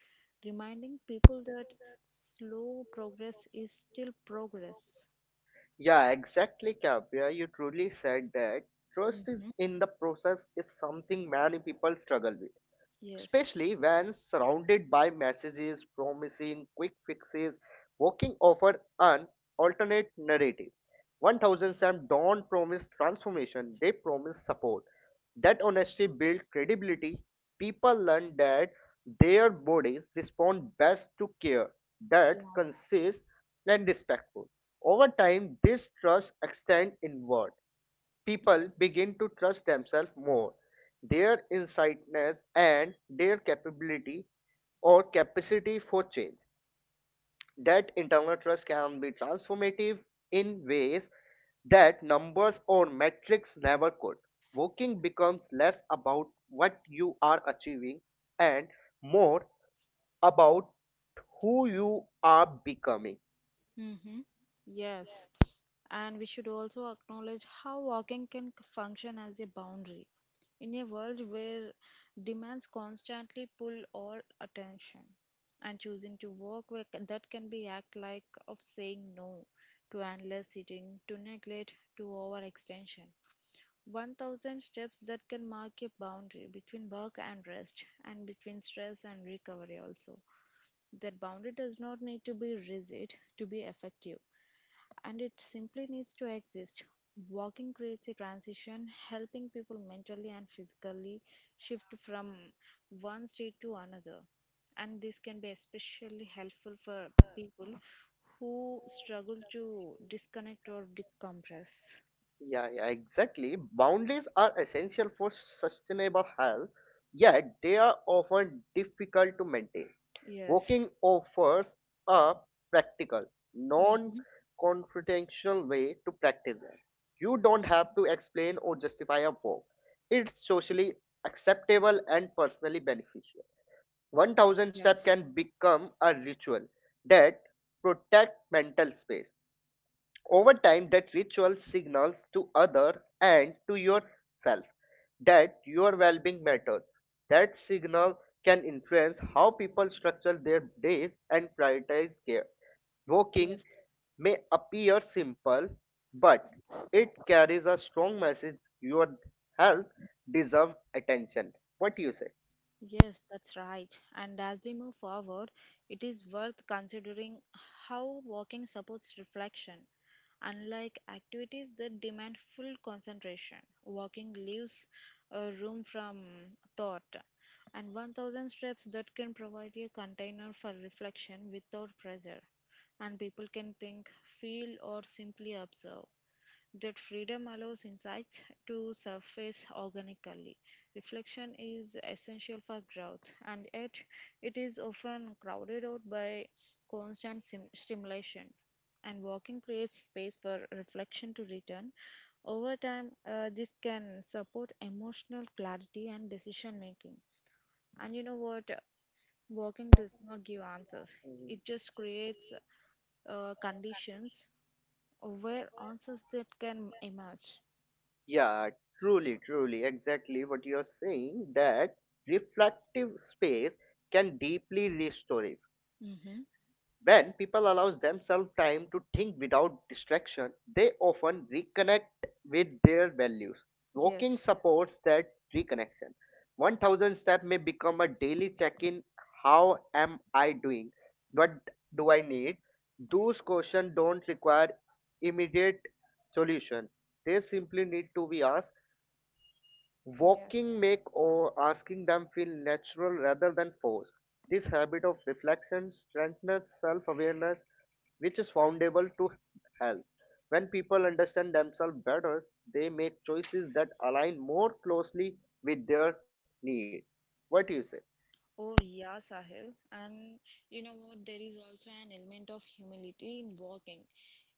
S1: reminding people that slow progress is still progress.
S2: Yeah, exactly, Kavya. You truly said that trust is
S1: Hmm
S2: in the process is something many people struggle with,
S1: Yes.
S2: especially when surrounded by messages promising quick fixes. Walking offered an alternate narrative. 1,000 Sam don't promise transformation, they promise support. That honesty built credibility. People learn that their bodies respond best to care that's consist and respectful. Over time, this trust extends inward.
S1: Yes.
S2: People begin to trust themselves more, their insightness and their capability or capacity for change. That internal trust can be transformative in ways that numbers or metrics never could. Working becomes less about what you are achieving and more about who you are becoming.
S1: hmm Yes. And we should also acknowledge how walking can function as a boundary in a world where demands constantly pull all attention. And choosing to walk where that can be act like of saying no to endless sitting, to neglect, to overextension. 1,000 steps that can mark a boundary between work and rest and between stress and recovery also. That boundary does not need to be rigid to be effective and it simply needs to exist. Walking creates a transition, helping people mentally and physically shift from one state to another. And this can be especially helpful for people who struggle to disconnect or decompress.
S2: Yeah, yeah, exactly. Boundaries are essential for sustainable health, yet they are often difficult to maintain.
S1: Yes,
S2: Walking offers a practical, non
S1: mm-hmm,
S2: confrontational way to practice it. You don't have to explain or justify a walk, it's socially acceptable and personally beneficial. 1,000 steps
S1: yes,
S2: can become a ritual that protect mental space. Over time, that ritual signals to other and to yourself that your well-being matters. That signal can influence how people structure their days and prioritize care. Walking
S1: yes.
S2: may appear simple, but it carries a strong message. Your health deserves attention. What do you say?
S1: Yes, that's right. And as we move forward, it is worth considering how walking supports reflection. Unlike activities that demand full concentration, walking leaves a room from thought. And 1,000 steps that can provide a container for reflection without pressure. And people can think, feel, or simply observe. That freedom allows insights to surface organically. Reflection is essential for growth, and yet it is often crowded out by constant stimulation. And walking creates space for reflection to return. Over time, this can support emotional clarity and decision making. And you know what? Walking does not give answers,
S2: Mhm.
S1: it just creates conditions where answers that can emerge.
S2: Yeah, truly, exactly what you're saying, that reflective space can deeply restore.
S1: Mm-hmm.
S2: When people allow themselves time to think without distraction, they often reconnect with their values. Walking
S1: Yes.
S2: supports that reconnection. 1,000 step may become a daily check-in. How am I doing? What do I need? Those questions don't require immediate solution. They simply need to be asked. Walking
S1: Yes.
S2: make or asking them feel natural rather than forced. This habit of reflection strengthens self awareness which is foundable to health. When people understand themselves better, they make choices that align more closely with their needs. What do you say?
S1: Oh, yeah, Sahil. And you know what? There is also an element of humility in walking.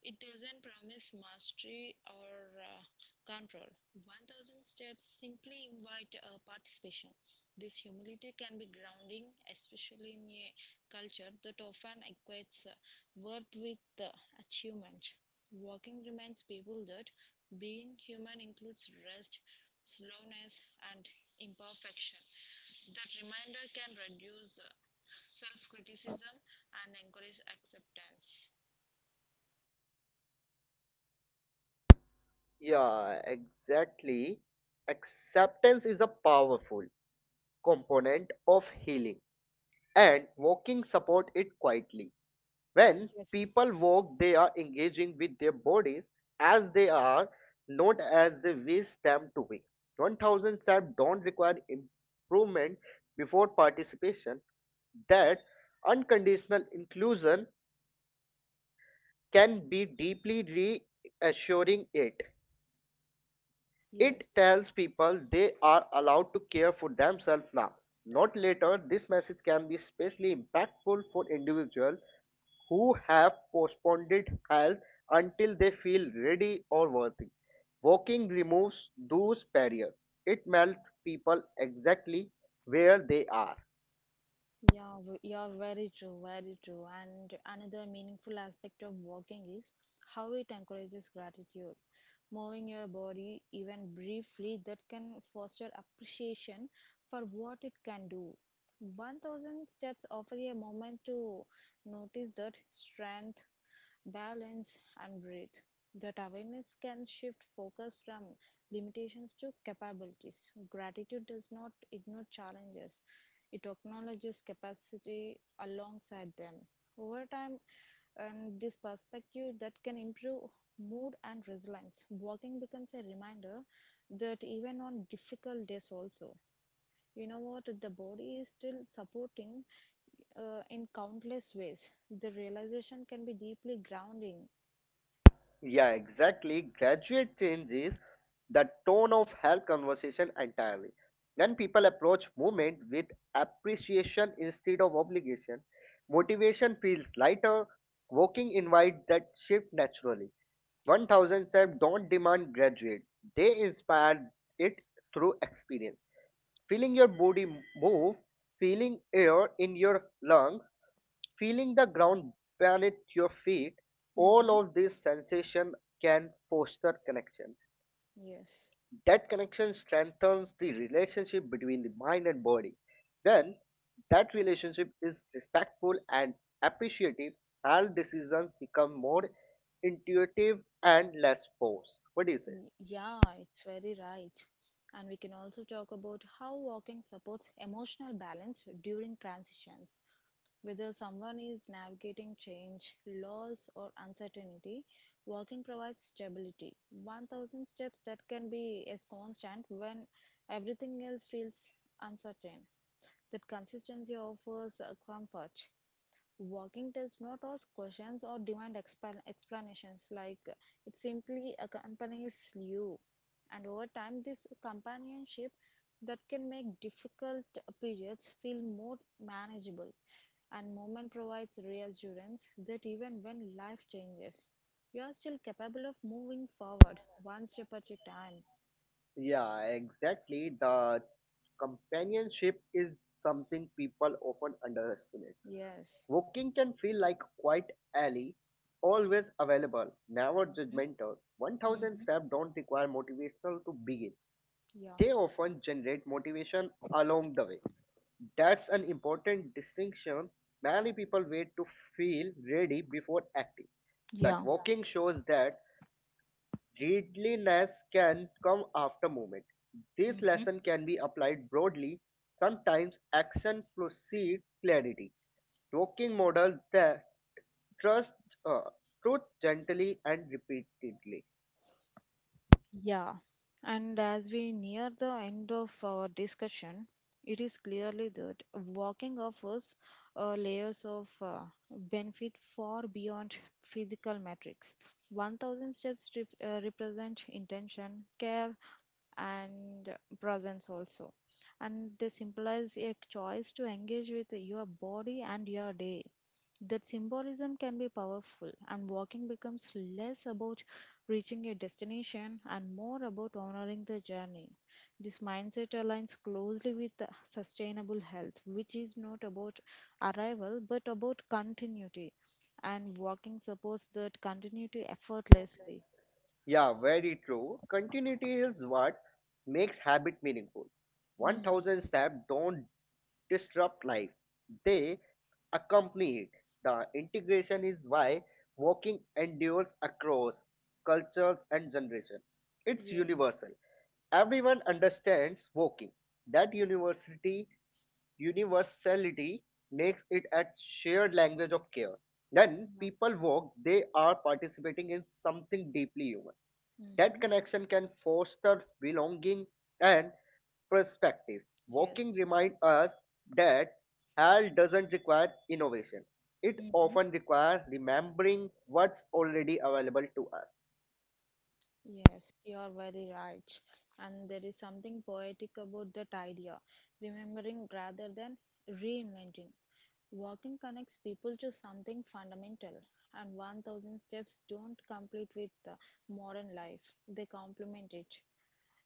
S1: It doesn't promise mastery or control. 1,000 steps simply invite participation. This humility can be grounding, especially in a culture that often equates worth with achievement. Walking reminds people that being human includes rest, slowness, and imperfection. That reminder can reduce self criticism and encourage acceptance.
S2: Yeah, exactly. Acceptance is a powerful component of healing, and walking support it quietly. When
S1: Yes,
S2: people walk, they are engaging with their bodies as they are, not as they wish them to be. 1,000 steps don't require improvement before participation. That unconditional inclusion can be deeply reassuring it. It
S1: yes.
S2: tells people they are allowed to care for themselves now, not later. This message can be especially impactful for individuals who have postponed health until they feel ready or worthy. Walking removes those barriers. It melts people exactly where they are.
S1: Yeah, very true, very true. And another meaningful aspect of walking is how it encourages gratitude. Moving your body, even briefly, that can foster appreciation for what it can do. 1,000 steps offer you a moment to notice that strength, balance, and breathe. That awareness can shift focus from limitations to capabilities. Gratitude does not ignore challenges, it acknowledges capacity alongside them. Over time, and this perspective that can improve mood and resilience. Walking becomes a reminder that even on difficult days, also, you know what, the body is still supporting in countless ways. The realization can be deeply grounding.
S2: Yeah, exactly. Graduate changes the tone of health conversation entirely. When people approach movement with appreciation instead of obligation, motivation feels lighter. Walking invites that shift naturally. 1,000 Self don't demand graduate, they inspire it through experience. Feeling your body move, feeling air in your lungs, feeling the ground beneath your feet, all
S1: Hmm
S2: of these sensations can foster connection.
S1: Yes.
S2: That connection strengthens the relationship between the mind and body. When that relationship is respectful and appreciative, all decisions become more intuitive and less forced. What do you say?
S1: Mm, yeah, it's very right. And we can also talk about how walking supports emotional balance during transitions. Whether someone is navigating change, loss, or uncertainty, walking provides stability. 1,000 steps that can be as constant when everything else feels uncertain. That consistency offers comfort. Walking does not ask questions or demand explanations, like it simply accompanies you. And over time, this companionship that can make difficult periods feel more manageable. And movement provides reassurance that even when life changes, you are still capable of moving forward one step at a time.
S2: Yeah, exactly. The companionship is something people often underestimate.
S1: Yes,
S2: Walking can feel like quiet alley, always available, never judgmental. 1,000 steps don't require motivational to begin.
S1: yeah.
S2: They often generate motivation along the way. That's an important distinction. Many people wait to feel ready before acting. But
S1: Yeah.
S2: walking shows that readiness can come after movement. This
S1: Mhm.
S2: lesson can be applied broadly. Sometimes action precedes clarity. Talking model the trust uh, truth gently and repeatedly.
S1: Yeah, and as we near the end of our discussion, it is clearly that walking offers layers of benefit far beyond physical metrics. 1000 steps represent intention, care, and presence also. And this implies a choice to engage with your body and your day. That symbolism can be powerful, and walking becomes less about reaching a destination and more about honoring the journey. This mindset aligns closely with the sustainable health, which is not about arrival but about continuity. And walking supports that continuity effortlessly.
S2: Yeah, very true. Continuity is what makes habit meaningful.
S1: Hmm.
S2: 1,000 steps don't disrupt life, they accompany it. The integration is why walking endures across cultures and generations. It's
S1: Yes.
S2: universal. Everyone understands walking. That universality makes it a shared language of care. When
S1: Yeah.
S2: people walk, they are participating in something deeply human. That
S1: Mhm.
S2: connection can foster belonging and perspective. Walking
S1: Yes.
S2: reminds us that health doesn't require innovation. It
S1: Mm-hmm.
S2: often requires remembering what's already available to us.
S1: Yes, you are very right. And there is something poetic about that idea remembering rather than reinventing. Walking connects people to something fundamental, and 1,000 steps don't complete with modern life, they complement it.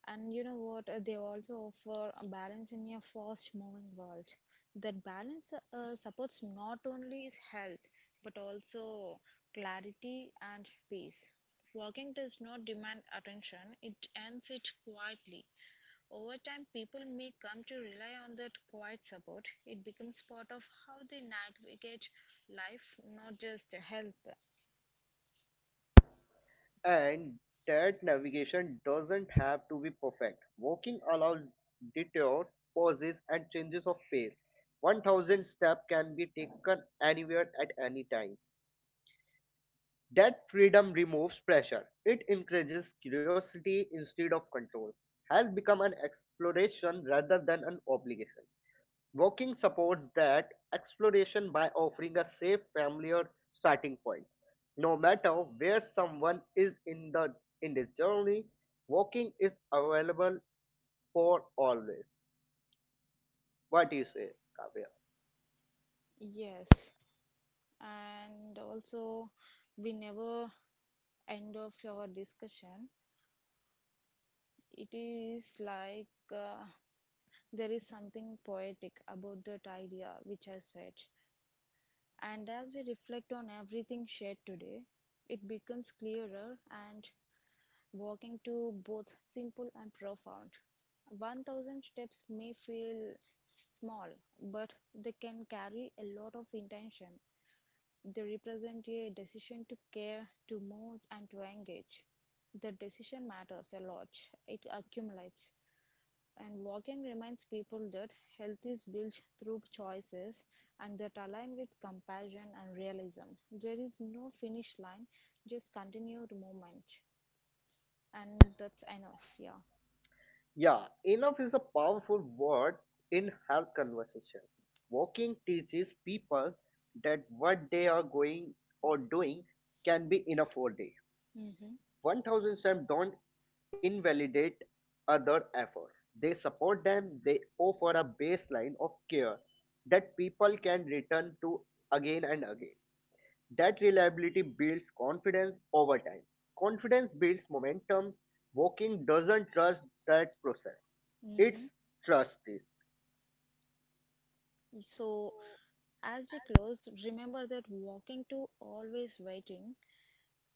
S1: And you know what? They also offer a balance in a fast moving world. That balance supports not only is health but also clarity and peace. Walking does not demand attention, it earns it quietly. Over time, people may come to rely on that quiet support. It becomes part of how they navigate life, not just health.
S2: And that navigation doesn't have to be perfect. Walking allows detours, pauses, and changes of pace. 1,000 steps can be taken anywhere at any time. That freedom removes pressure. It encourages curiosity instead of control. Health become an exploration rather than an obligation. Walking supports that exploration by offering a safe familiar starting point. No matter where someone is in the in this journey, walking is available for always. What do you say, Kavya?
S1: Yes, and also we never end of our discussion, it is like uh, there is something poetic about that idea which I said. And as we reflect on everything shared today, it becomes clearer and walking to both simple and profound. 1,000 steps may feel small, but they can carry a lot of intention. They represent a decision to care, to move, and to engage. The decision matters a lot, it accumulates. And Vaughan reminds people that health is built through choices and that align with compassion and realism. There is no finish line, just continued movement. And that's enough, yeah.
S2: Yeah, enough is a powerful word in health conversation. Walking teaches people that what they are going or doing can be enough for day.
S1: Mm-hmm.
S2: 1,000 steps don't invalidate other effort. They support them, they offer a baseline of care that people can return to again and again. That reliability builds confidence over time. Confidence builds momentum. Walking doesn't trust that process,
S1: Mm-hmm.
S2: it's trust this.
S1: So, as we close, remember that walking to always waiting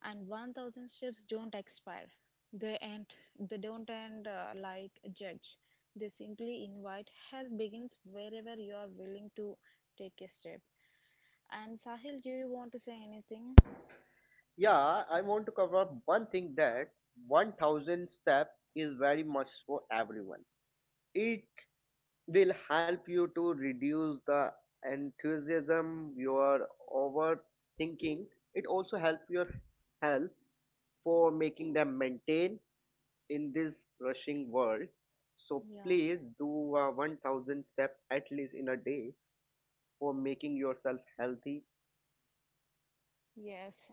S1: and 1,000 ships don't expire they end they don't end like a judge they simply invite help begins wherever you are willing to take a step and Sahil, do you want to say anything?
S2: Yeah, I want to cover up one thing, that 1,000 step is very much for everyone. It will help you to reduce the enthusiasm, your overthinking. It also help your health for making them maintain in this rushing world. So
S1: Yeah,
S2: please do a 1,000 step at least in a day for making yourself healthy.
S1: yes,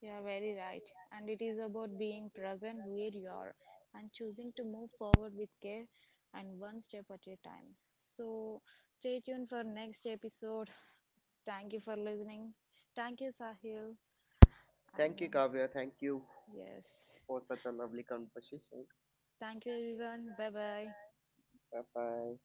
S1: you are very right. And it is about being present where you are and choosing to move forward with care and one step at a time. So, stay tuned for next episode. Thank you for listening. Thank you, Sahil.
S2: Thank you,
S1: And
S2: Kavya. Thank you
S1: yes.
S2: for such a lovely conversation.
S1: Thank you, everyone. Bye bye.
S2: 拜拜。